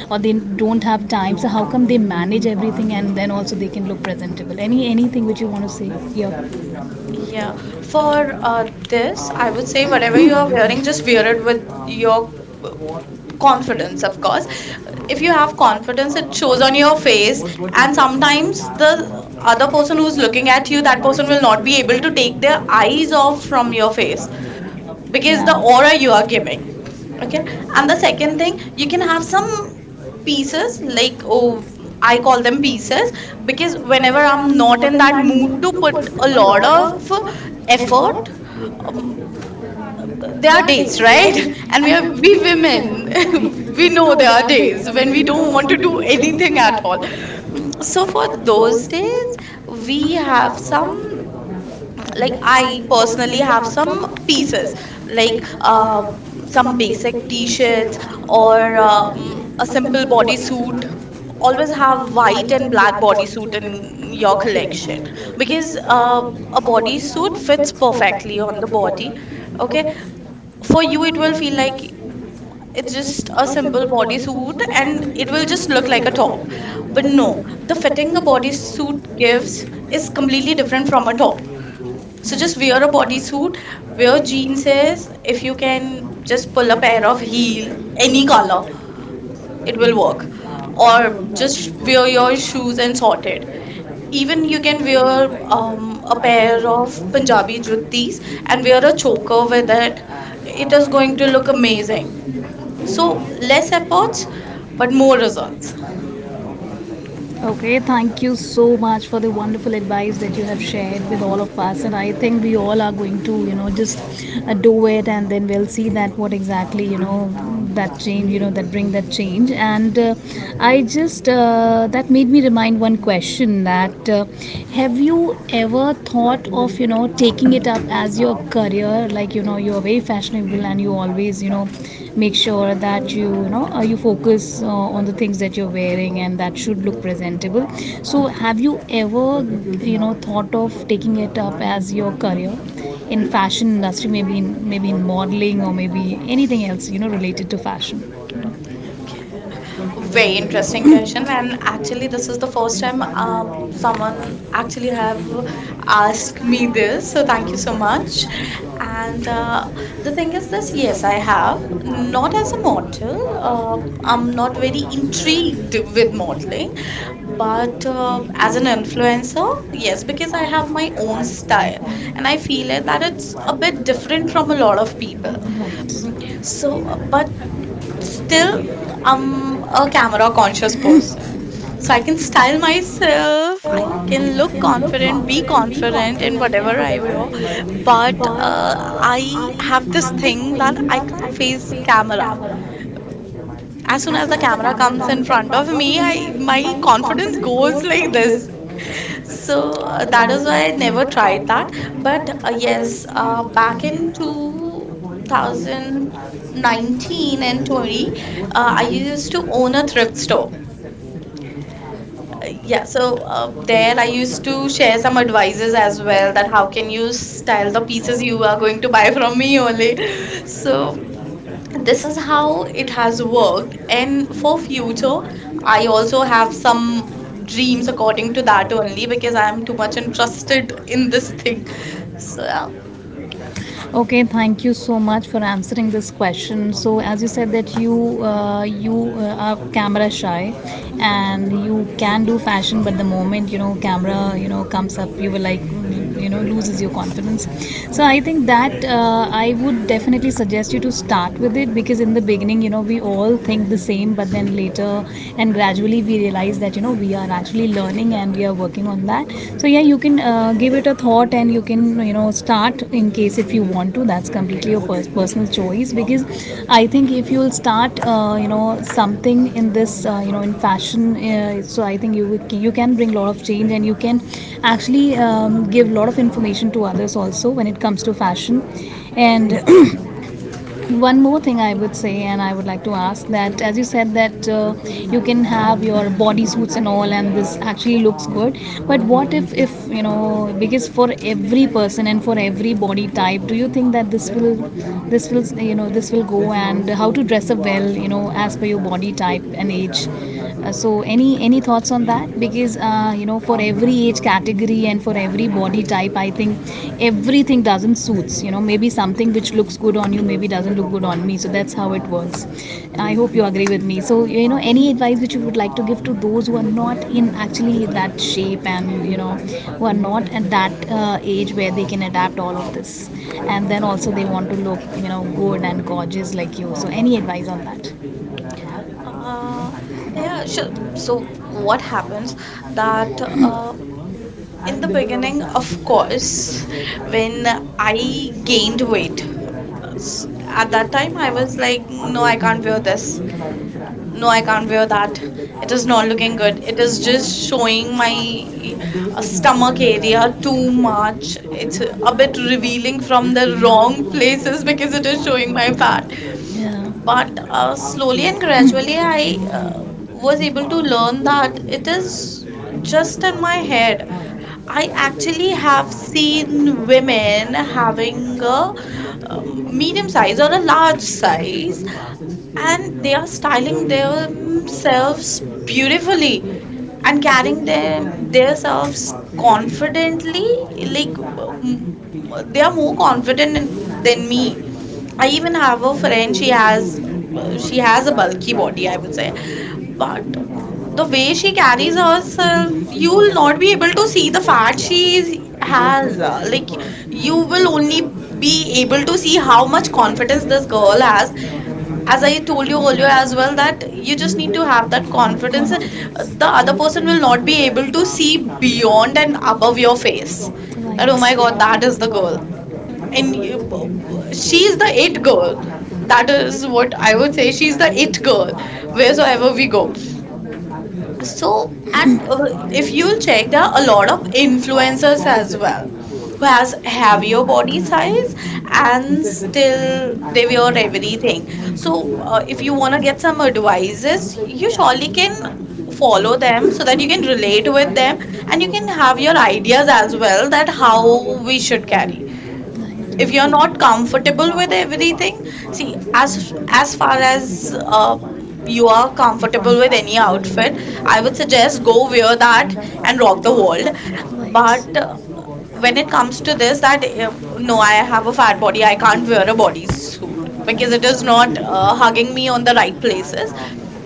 Speaker 1: or they don't have time, so how come they manage everything and then also they can look presentable, anything which you want to say here. Yeah.
Speaker 2: Yeah,
Speaker 1: For
Speaker 2: for
Speaker 1: this,
Speaker 2: this,
Speaker 1: I
Speaker 2: I would
Speaker 1: would
Speaker 2: say
Speaker 1: say
Speaker 2: whatever you are
Speaker 1: whatever
Speaker 2: wearing, just wear it with
Speaker 1: (coughs)
Speaker 2: your
Speaker 1: your
Speaker 2: uh, confidence, of course.
Speaker 1: confidence
Speaker 2: If you have confidence, it shows
Speaker 1: concept
Speaker 2: on your face,
Speaker 1: is
Speaker 2: and
Speaker 1: at times
Speaker 2: sometimes the
Speaker 1: the
Speaker 2: other person who's looking at you, that person
Speaker 1: person will
Speaker 2: will not
Speaker 1: not be
Speaker 2: be able to take their
Speaker 1: paid.
Speaker 2: eyes off from your
Speaker 1: Okay.
Speaker 2: face because the aura you are giving. Okay. And the second
Speaker 1: Second
Speaker 2: thing, you
Speaker 1: thing,
Speaker 2: can have some
Speaker 1: pieces
Speaker 2: pieces,
Speaker 1: like
Speaker 2: like, oh,
Speaker 1: oh,
Speaker 2: I call them pieces,
Speaker 1: pieces.
Speaker 2: because
Speaker 1: Because
Speaker 2: whenever
Speaker 1: whenever
Speaker 2: I'm
Speaker 1: I'm
Speaker 2: not
Speaker 1: not
Speaker 2: in
Speaker 1: in
Speaker 2: that
Speaker 1: that
Speaker 2: mood
Speaker 1: mood
Speaker 2: to
Speaker 1: to
Speaker 2: put
Speaker 1: put
Speaker 2: a
Speaker 1: a
Speaker 2: lot
Speaker 1: lot
Speaker 2: of
Speaker 1: of effort,
Speaker 2: effort, um, there
Speaker 1: there
Speaker 2: are
Speaker 1: are
Speaker 2: days,
Speaker 1: days,
Speaker 2: right?
Speaker 1: right?
Speaker 2: (laughs) And
Speaker 1: And
Speaker 2: we
Speaker 1: we
Speaker 2: are
Speaker 1: are
Speaker 2: we
Speaker 1: we
Speaker 2: women, (laughs)
Speaker 1: women, (laughs)
Speaker 2: we
Speaker 1: we
Speaker 2: know
Speaker 1: know
Speaker 2: there
Speaker 1: there
Speaker 2: are
Speaker 1: are days
Speaker 2: days when
Speaker 1: when
Speaker 2: we
Speaker 1: we
Speaker 2: don't
Speaker 1: don't
Speaker 2: want
Speaker 1: want
Speaker 2: to
Speaker 1: to
Speaker 2: do
Speaker 1: do
Speaker 2: anything
Speaker 1: anything
Speaker 2: at
Speaker 1: at
Speaker 2: all.
Speaker 1: all.
Speaker 2: Mm, so
Speaker 1: So
Speaker 2: for
Speaker 1: for those
Speaker 2: those
Speaker 1: days,
Speaker 2: days, we
Speaker 1: we have
Speaker 2: have some,
Speaker 1: some.
Speaker 2: like
Speaker 1: Like I
Speaker 2: I personally
Speaker 1: personally
Speaker 2: have
Speaker 1: have
Speaker 2: some
Speaker 1: some pieces,
Speaker 2: pieces,
Speaker 1: like
Speaker 2: like
Speaker 1: uh,
Speaker 2: some
Speaker 1: some basic
Speaker 2: basic
Speaker 1: t-shirts
Speaker 2: t-shirts or
Speaker 1: or
Speaker 2: a
Speaker 1: a simple
Speaker 2: simple bodysuit.
Speaker 1: bodysuit,
Speaker 2: Always
Speaker 1: always
Speaker 2: have
Speaker 1: have
Speaker 2: white
Speaker 1: white
Speaker 2: and
Speaker 1: and
Speaker 2: black
Speaker 1: black
Speaker 2: bodysuit
Speaker 1: bodysuit
Speaker 2: in
Speaker 1: in
Speaker 2: your
Speaker 1: your
Speaker 2: collection,
Speaker 1: collection,
Speaker 2: because
Speaker 1: because
Speaker 2: a
Speaker 1: a
Speaker 2: bodysuit
Speaker 1: bodysuit
Speaker 2: fits
Speaker 1: fits
Speaker 2: perfectly
Speaker 1: perfectly on
Speaker 2: on the
Speaker 1: the
Speaker 2: body.
Speaker 1: body.
Speaker 2: Okay,
Speaker 1: Okay,
Speaker 2: for
Speaker 1: for
Speaker 2: you
Speaker 1: you
Speaker 2: it
Speaker 1: it
Speaker 2: will
Speaker 1: will
Speaker 2: feel
Speaker 1: feel like
Speaker 2: like it's
Speaker 1: it's
Speaker 2: just
Speaker 1: just
Speaker 2: a
Speaker 1: a
Speaker 2: simple
Speaker 1: simple
Speaker 2: bodysuit
Speaker 1: bodysuit and
Speaker 2: and it
Speaker 1: it
Speaker 2: will
Speaker 1: will
Speaker 2: just
Speaker 1: just
Speaker 2: look
Speaker 1: look
Speaker 2: like
Speaker 1: like
Speaker 2: a
Speaker 1: a top.
Speaker 2: top. But
Speaker 1: But no,
Speaker 2: no, the
Speaker 1: the
Speaker 2: fitting
Speaker 1: fitting
Speaker 2: a
Speaker 1: is
Speaker 2: bodysuit
Speaker 1: suit.
Speaker 2: gives is completely different from a top. So
Speaker 1: So
Speaker 2: just
Speaker 1: just it's
Speaker 2: wear a bodysuit, wear jeans. Is If you can just pull a pair of
Speaker 1: pretty
Speaker 2: heel, any
Speaker 1: any
Speaker 2: color,
Speaker 1: color,
Speaker 2: it will work. Or
Speaker 1: or just
Speaker 2: just wear your shoes
Speaker 1: shoes and.
Speaker 2: and sort it. Even you
Speaker 1: You
Speaker 2: can
Speaker 1: can view
Speaker 2: wear
Speaker 1: it
Speaker 2: a pair of Punjabi juttis and wear a choker with it. It is going to look
Speaker 1: look amazing.
Speaker 2: amazing. So less efforts, but more results.
Speaker 1: So Okay, thank you so much for the wonderful advice that you have shared with all of us, and I think we all are going to, you know, just do it, and then we'll see that what exactly, you know, that change, you know, that bring that change. And I just that made me remind one question, that have you ever thought of, you know, taking it up as your career? Like, you're very fashionable, and you always, make sure that you focus on the things that you're wearing and that should look presentable. So have you ever thought of taking it up as your career in fashion industry, maybe in modeling or maybe anything else related to fashion?
Speaker 2: Okay,
Speaker 1: Very
Speaker 2: very interesting
Speaker 1: interesting
Speaker 2: question.
Speaker 1: session,
Speaker 2: And
Speaker 1: and
Speaker 2: actually,
Speaker 1: actually
Speaker 2: this
Speaker 1: this
Speaker 2: is
Speaker 1: is
Speaker 2: the
Speaker 1: the
Speaker 2: first
Speaker 1: first time
Speaker 2: time
Speaker 1: someone
Speaker 2: someone actually
Speaker 1: actually
Speaker 2: have
Speaker 1: had
Speaker 2: asked me
Speaker 1: me
Speaker 2: this.
Speaker 1: this.
Speaker 2: So thank
Speaker 1: Thank
Speaker 2: you
Speaker 1: you
Speaker 2: so
Speaker 1: so much.
Speaker 2: much. And
Speaker 1: And
Speaker 2: the
Speaker 1: the thing
Speaker 2: thing is
Speaker 1: is
Speaker 2: this,
Speaker 1: this year,
Speaker 2: yes, I have.
Speaker 1: not as a
Speaker 2: Not
Speaker 1: model.
Speaker 2: as a model.
Speaker 1: Uh,
Speaker 2: I'm
Speaker 1: I'm
Speaker 2: not
Speaker 1: not
Speaker 2: very
Speaker 1: very
Speaker 2: intrigued
Speaker 1: intrigued
Speaker 2: with
Speaker 1: in
Speaker 2: modeling,
Speaker 1: modeling,
Speaker 2: but
Speaker 1: but
Speaker 2: as an
Speaker 1: an
Speaker 2: influencer,
Speaker 1: influencer,
Speaker 2: yes,
Speaker 1: yes, because
Speaker 2: because I
Speaker 1: I
Speaker 2: have
Speaker 1: have
Speaker 2: my
Speaker 1: my
Speaker 2: own
Speaker 1: own
Speaker 2: style,
Speaker 1: style
Speaker 2: and
Speaker 1: and
Speaker 2: I
Speaker 1: I feel
Speaker 2: feel it that
Speaker 1: it's
Speaker 2: it's a
Speaker 1: a.
Speaker 2: bit different from a lot of people.
Speaker 1: Right.
Speaker 2: Mm,
Speaker 1: So,
Speaker 2: So, but
Speaker 1: but
Speaker 2: still,
Speaker 1: still,
Speaker 2: I'm
Speaker 1: um,
Speaker 2: a camera conscious person.
Speaker 1: so
Speaker 2: So I
Speaker 1: I
Speaker 2: can
Speaker 1: can
Speaker 2: style
Speaker 1: style,
Speaker 2: myself, I
Speaker 1: I
Speaker 2: can
Speaker 1: can look
Speaker 2: look confident,
Speaker 1: confident,
Speaker 2: be
Speaker 1: be
Speaker 2: confident
Speaker 1: confident,
Speaker 2: in
Speaker 1: if
Speaker 2: whatever
Speaker 1: I
Speaker 2: I wear.
Speaker 1: will.
Speaker 2: But
Speaker 1: I
Speaker 2: I have
Speaker 1: have this
Speaker 2: this thing
Speaker 1: thing
Speaker 2: that
Speaker 1: that
Speaker 2: I
Speaker 1: I
Speaker 2: can't
Speaker 1: can face
Speaker 2: face
Speaker 1: camera.
Speaker 2: camera. As soon as the camera comes in
Speaker 1: Concept,
Speaker 2: front of me, I my
Speaker 1: my
Speaker 2: confidence
Speaker 1: confidence
Speaker 2: goes
Speaker 1: goes
Speaker 2: like
Speaker 1: like
Speaker 2: this.
Speaker 1: this.
Speaker 2: So
Speaker 1: So
Speaker 2: that
Speaker 1: that
Speaker 2: is
Speaker 1: is
Speaker 2: why
Speaker 1: why
Speaker 2: I
Speaker 1: I
Speaker 2: never
Speaker 1: never
Speaker 2: tried
Speaker 1: tried that,
Speaker 2: that. But
Speaker 1: but
Speaker 2: yes,
Speaker 1: yes, back
Speaker 2: back in
Speaker 1: in
Speaker 2: 2019
Speaker 1: 2019
Speaker 2: and
Speaker 1: and
Speaker 2: 20,
Speaker 1: 20,
Speaker 2: I
Speaker 1: I
Speaker 2: used
Speaker 1: used,
Speaker 2: to own a thrift store. Yeah, so there
Speaker 1: and
Speaker 2: I
Speaker 1: I
Speaker 2: used
Speaker 1: used
Speaker 2: to
Speaker 1: to
Speaker 2: share some advices as well, that how can
Speaker 1: can
Speaker 2: you
Speaker 1: use
Speaker 2: style the
Speaker 1: the
Speaker 2: pieces
Speaker 1: pieces
Speaker 2: you
Speaker 1: you
Speaker 2: are
Speaker 1: are
Speaker 2: going to buy from me only.
Speaker 1: only.
Speaker 2: (laughs) So
Speaker 1: So,
Speaker 2: this
Speaker 1: this
Speaker 2: is
Speaker 1: is
Speaker 2: how
Speaker 1: how
Speaker 2: it
Speaker 1: it
Speaker 2: has
Speaker 1: has worked,
Speaker 2: worked,
Speaker 1: and
Speaker 2: and
Speaker 1: in
Speaker 2: for
Speaker 1: the
Speaker 2: future
Speaker 1: future I
Speaker 2: I
Speaker 1: have
Speaker 2: also have some
Speaker 1: some
Speaker 2: dreams
Speaker 1: dreams of
Speaker 2: according
Speaker 1: going
Speaker 2: to
Speaker 1: to
Speaker 2: that only,
Speaker 1: Germany.
Speaker 2: because I am
Speaker 1: I'm
Speaker 2: too
Speaker 1: too
Speaker 2: much
Speaker 1: much interested
Speaker 2: interested in
Speaker 1: in this.
Speaker 2: this thing, so yeah.
Speaker 1: Okay, thank you so much for answering this question. So, as you said that you are camera shy,
Speaker 2: Mhm,
Speaker 1: and you can do fashion, but the moment camera comes up, you will like loses your confidence. So,
Speaker 2: mhm,
Speaker 1: I think that I would definitely suggest you to start with it, because in the beginning, we all think the same, but then later and gradually we realize that you know we are actually learning and we are working on that. So, yeah, you can give it a thought, and you can start in case if you want to. That's completely your personal choice, because I think if you'll start something in this in fashion, so I think you you can bring a lot of change, and you can actually give a lot of information to others also when it comes to fashion.
Speaker 2: mhm,
Speaker 1: And (clears throat) one more thing I would say, and I would like to ask that, as you said, that you can have your bodysuits and all, and this actually looks good. But what if because for every person and for every body type, do you think that this will go? And how to dress up well, as per your body type and age? So any
Speaker 2: mhm,
Speaker 1: thoughts on that, because for every age category and for every body type, I think everything doesn't suits, maybe something which looks good on you maybe doesn't look good on me. So that's how it works. I hope you agree with me. So, any advice which you would like to give to those who are not in actually that shape, and who are not at that age where they can adapt all of this, and then also they want to look good and gorgeous like you?
Speaker 2: mhm.
Speaker 1: So, any advice on that?
Speaker 2: uh, yeah, sure. So what happens
Speaker 1: At
Speaker 2: that uh, in the
Speaker 1: the
Speaker 2: beginning,
Speaker 1: beginning
Speaker 2: of
Speaker 1: of this,
Speaker 2: course, when
Speaker 1: when I
Speaker 2: I gained
Speaker 1: gained
Speaker 2: weight,
Speaker 1: weight,
Speaker 2: uh, s-
Speaker 1: no,
Speaker 2: at that time I was
Speaker 1: I
Speaker 2: like no, I can't wear
Speaker 1: did
Speaker 2: this.
Speaker 1: this.
Speaker 2: No,
Speaker 1: No,
Speaker 2: I
Speaker 1: I
Speaker 2: can't wear that.
Speaker 1: did it.
Speaker 2: It
Speaker 1: It
Speaker 2: is
Speaker 1: is
Speaker 2: not
Speaker 1: not. It
Speaker 2: looking good. It is
Speaker 1: is
Speaker 2: just
Speaker 1: just
Speaker 2: showing
Speaker 1: showing my
Speaker 2: my stomach
Speaker 1: stomach
Speaker 2: area
Speaker 1: area too
Speaker 2: too
Speaker 1: much.
Speaker 2: much. It's
Speaker 1: It's
Speaker 2: a bit revealing
Speaker 1: revealing
Speaker 2: from
Speaker 1: from the
Speaker 2: the wrong
Speaker 1: wrong
Speaker 2: places
Speaker 1: places
Speaker 2: because
Speaker 1: because
Speaker 2: it
Speaker 1: it
Speaker 2: is
Speaker 1: is
Speaker 2: showing
Speaker 1: showing
Speaker 2: my
Speaker 1: my.
Speaker 2: fat.
Speaker 1: Yeah.
Speaker 2: But
Speaker 1: But
Speaker 2: slowly
Speaker 1: slowly,
Speaker 2: and gradually,
Speaker 1: gradually, I
Speaker 2: I was
Speaker 1: was
Speaker 2: able
Speaker 1: able
Speaker 2: to
Speaker 1: to
Speaker 2: learn
Speaker 1: learn that
Speaker 2: that it
Speaker 1: it
Speaker 2: is
Speaker 1: is
Speaker 2: just
Speaker 1: just
Speaker 2: in my head. I actually have
Speaker 1: with
Speaker 2: seen women
Speaker 1: covering
Speaker 2: having a
Speaker 1: the
Speaker 2: medium
Speaker 1: medium,
Speaker 2: size or a large size, and
Speaker 1: and
Speaker 2: they
Speaker 1: they
Speaker 2: are
Speaker 1: are
Speaker 2: styling
Speaker 1: styling
Speaker 2: themselves
Speaker 1: themselves beauty,
Speaker 2: beautifully and carrying
Speaker 1: styling their, their
Speaker 2: themselves confidently,
Speaker 1: confidently,
Speaker 2: like
Speaker 1: like
Speaker 2: they
Speaker 1: they
Speaker 2: are
Speaker 1: are
Speaker 2: more
Speaker 1: more confident
Speaker 2: confident than
Speaker 1: than
Speaker 2: me.
Speaker 1: me.
Speaker 2: I
Speaker 1: I
Speaker 2: even
Speaker 1: even
Speaker 2: have
Speaker 1: have
Speaker 2: a
Speaker 1: a
Speaker 2: friend,
Speaker 1: friend, she has
Speaker 2: she
Speaker 1: she
Speaker 2: has
Speaker 1: has
Speaker 2: a bulky
Speaker 1: bulky
Speaker 2: body,
Speaker 1: body, I
Speaker 2: I would
Speaker 1: would
Speaker 2: say.
Speaker 1: say.
Speaker 2: But the way
Speaker 1: The
Speaker 2: she
Speaker 1: fat
Speaker 2: carries
Speaker 1: is
Speaker 2: herself,
Speaker 1: also
Speaker 2: you
Speaker 1: you,
Speaker 2: will not be able to see the fat she
Speaker 1: and
Speaker 2: has. Like,
Speaker 1: like
Speaker 2: you
Speaker 1: you
Speaker 2: will
Speaker 1: will
Speaker 2: only
Speaker 1: only be
Speaker 2: be able
Speaker 1: able
Speaker 2: to see
Speaker 1: to
Speaker 2: how much
Speaker 1: confidence
Speaker 2: confidence this
Speaker 1: this
Speaker 2: girl
Speaker 1: girl has.
Speaker 2: has. As
Speaker 1: As
Speaker 2: I
Speaker 1: I
Speaker 2: told
Speaker 1: told
Speaker 2: you
Speaker 1: you,
Speaker 2: earlier as well, that you
Speaker 1: you
Speaker 2: just
Speaker 1: just
Speaker 2: need
Speaker 1: need
Speaker 2: to
Speaker 1: to
Speaker 2: have
Speaker 1: have
Speaker 2: that confidence.
Speaker 1: confidence.
Speaker 2: The other
Speaker 1: And
Speaker 2: person
Speaker 1: person
Speaker 2: will
Speaker 1: will
Speaker 2: not
Speaker 1: not be
Speaker 2: be able
Speaker 1: able
Speaker 2: to
Speaker 1: to
Speaker 2: see
Speaker 1: see
Speaker 2: beyond
Speaker 1: beyond
Speaker 2: and above your
Speaker 1: face.
Speaker 2: face.
Speaker 1: That
Speaker 2: That, oh my God, that
Speaker 1: is
Speaker 2: is the
Speaker 1: the goal.
Speaker 2: girl.
Speaker 1: And
Speaker 2: And she is
Speaker 1: she's
Speaker 2: the it girl. That
Speaker 1: that is-
Speaker 2: is what I
Speaker 1: I
Speaker 2: would
Speaker 1: would
Speaker 2: say.
Speaker 1: say
Speaker 2: She's
Speaker 1: she's
Speaker 2: the it
Speaker 1: a girl
Speaker 2: girl,
Speaker 1: with
Speaker 2: wheresoever we go.
Speaker 1: goal.
Speaker 2: So
Speaker 1: So,
Speaker 2: and
Speaker 1: and
Speaker 2: If
Speaker 1: if you
Speaker 2: you'll check, there are a lot of
Speaker 1: influence
Speaker 2: influencers as
Speaker 1: it, but
Speaker 2: well who has heavier body
Speaker 1: body size,
Speaker 2: size and
Speaker 1: and still
Speaker 2: still they
Speaker 1: they
Speaker 2: wear
Speaker 1: wear
Speaker 2: everything.
Speaker 1: everything. So
Speaker 2: If
Speaker 1: if
Speaker 2: you
Speaker 1: you
Speaker 2: want
Speaker 1: want,
Speaker 2: to get some advices, you
Speaker 1: you should
Speaker 2: surely can
Speaker 1: for
Speaker 2: follow
Speaker 1: them
Speaker 2: them so
Speaker 1: so
Speaker 2: that
Speaker 1: that
Speaker 2: you
Speaker 1: you
Speaker 2: can
Speaker 1: can,
Speaker 2: relate with them, and
Speaker 1: and
Speaker 2: you can have your ideas as well, that how
Speaker 1: how
Speaker 2: we
Speaker 1: we
Speaker 2: should
Speaker 1: should,
Speaker 2: carry
Speaker 1: if
Speaker 2: if you're
Speaker 1: you
Speaker 2: not comfortable with
Speaker 1: see,
Speaker 2: everything. See
Speaker 1: as
Speaker 2: As
Speaker 1: as,
Speaker 2: far
Speaker 1: as
Speaker 2: as
Speaker 1: uh,
Speaker 2: you
Speaker 1: you
Speaker 2: are
Speaker 1: are comfortable
Speaker 2: comfortable
Speaker 1: with
Speaker 2: with any
Speaker 1: any outfit,
Speaker 2: outfit, I
Speaker 1: I
Speaker 2: would
Speaker 1: would
Speaker 2: suggest
Speaker 1: just
Speaker 2: go
Speaker 1: go
Speaker 2: wear
Speaker 1: with that,
Speaker 2: that
Speaker 1: and
Speaker 2: and rock the world.
Speaker 1: but
Speaker 2: But When it comes to this, that
Speaker 1: no,
Speaker 2: no, I have a fat body, I
Speaker 1: I
Speaker 2: can't
Speaker 1: can't wear
Speaker 2: wear
Speaker 1: a
Speaker 2: a
Speaker 1: body
Speaker 2: bodysuit because
Speaker 1: because
Speaker 2: it
Speaker 1: it is
Speaker 2: is
Speaker 1: not
Speaker 2: not hugging
Speaker 1: hugging
Speaker 2: me
Speaker 1: me.
Speaker 2: on the right places,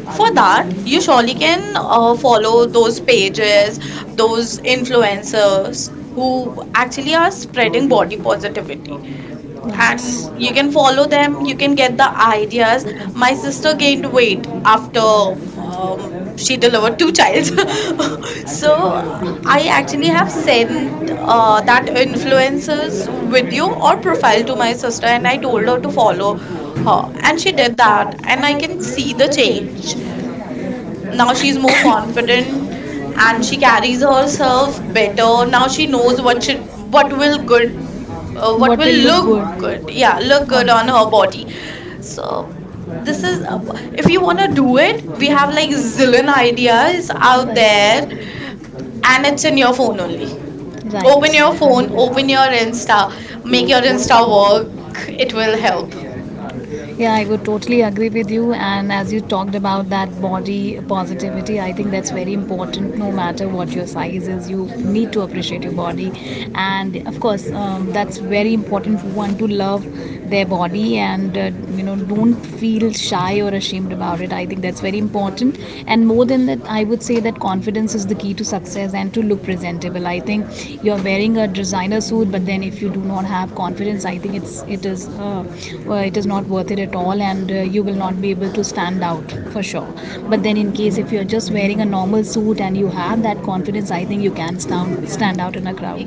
Speaker 2: for
Speaker 1: For that
Speaker 2: that, you
Speaker 1: you
Speaker 2: surely can
Speaker 1: should
Speaker 2: follow
Speaker 1: follow
Speaker 2: those
Speaker 1: those pairs,
Speaker 2: pages,
Speaker 1: those
Speaker 2: those
Speaker 1: influencers
Speaker 2: influencers
Speaker 1: who
Speaker 2: who
Speaker 1: actually
Speaker 2: actually are spreading
Speaker 1: spreading
Speaker 2: body
Speaker 1: body positivity,
Speaker 2: positivity. And
Speaker 1: and
Speaker 2: you
Speaker 1: you
Speaker 2: can
Speaker 1: can follow
Speaker 2: follow them,
Speaker 1: them,
Speaker 2: you
Speaker 1: you
Speaker 2: can
Speaker 1: can
Speaker 2: get the ideas.
Speaker 1: ask
Speaker 2: My
Speaker 1: my
Speaker 2: sister
Speaker 1: sister big
Speaker 2: gained
Speaker 1: win
Speaker 2: weight
Speaker 1: after
Speaker 2: after she
Speaker 1: she
Speaker 2: delivered two
Speaker 1: died. (laughs)
Speaker 2: childs. (laughs)
Speaker 1: So
Speaker 2: So I
Speaker 1: I
Speaker 2: actually
Speaker 1: actually
Speaker 2: have
Speaker 1: have
Speaker 2: sent
Speaker 1: sent
Speaker 2: that influencer's
Speaker 1: influencer video
Speaker 2: video or
Speaker 1: profile
Speaker 2: profile to
Speaker 1: to
Speaker 2: my
Speaker 1: my sister,
Speaker 2: sister, and
Speaker 1: and
Speaker 2: I
Speaker 1: I told
Speaker 2: told her
Speaker 1: her
Speaker 2: to
Speaker 1: to
Speaker 2: follow
Speaker 1: follow
Speaker 2: her,
Speaker 1: her,
Speaker 2: and
Speaker 1: and
Speaker 2: she
Speaker 1: she
Speaker 2: did
Speaker 1: did
Speaker 2: that,
Speaker 1: that,
Speaker 2: and
Speaker 1: and
Speaker 2: I
Speaker 1: I can
Speaker 2: can see
Speaker 1: see
Speaker 2: the
Speaker 1: the
Speaker 2: change.
Speaker 1: change.
Speaker 2: Now
Speaker 1: Now
Speaker 2: she's
Speaker 1: she's
Speaker 2: more
Speaker 1: more (coughs) confident,
Speaker 2: confident and
Speaker 1: and
Speaker 2: she
Speaker 1: she
Speaker 2: carries
Speaker 1: carries
Speaker 2: herself
Speaker 1: well.
Speaker 2: better. Now she
Speaker 1: She
Speaker 2: knows
Speaker 1: knows what
Speaker 2: what will
Speaker 1: will good,
Speaker 2: good, what
Speaker 1: what will
Speaker 2: will
Speaker 1: look
Speaker 2: look good,
Speaker 1: good. Good.
Speaker 2: yeah, look good on her body. so
Speaker 1: So this
Speaker 2: this is
Speaker 1: is,
Speaker 2: uh, if
Speaker 1: if we
Speaker 2: you want to do
Speaker 1: do
Speaker 2: it,
Speaker 1: it,
Speaker 2: we
Speaker 1: we
Speaker 2: have
Speaker 1: have
Speaker 2: like
Speaker 1: like zip
Speaker 2: zillion ideas
Speaker 1: out
Speaker 2: out there,
Speaker 1: there.
Speaker 2: and it's in your phone only.
Speaker 1: Right. Or
Speaker 2: Open your phone, open your
Speaker 1: in
Speaker 2: Insta,
Speaker 1: Star,
Speaker 2: make your
Speaker 1: you're in
Speaker 2: Insta
Speaker 1: Star Work,
Speaker 2: work, it
Speaker 1: it
Speaker 2: will
Speaker 1: will
Speaker 2: help.
Speaker 1: help. Yeah, I would totally agree with you. And as you talked about that body positivity, I think that's very important no matter what your size is. You need to appreciate your body. And of course, that's very important for one to love their body, and, don't feel shy or ashamed about it. I think that's very important. And more than that, I would say that confidence is the key to success and to look presentable. I think you're wearing a designer suit, but then if you do not have confidence, I think it is, well, it is not worth it at all, and you will not be able to stand out for sure. But then in case if you're just wearing a normal suit and you have that confidence, I think you can stand out in a crowd.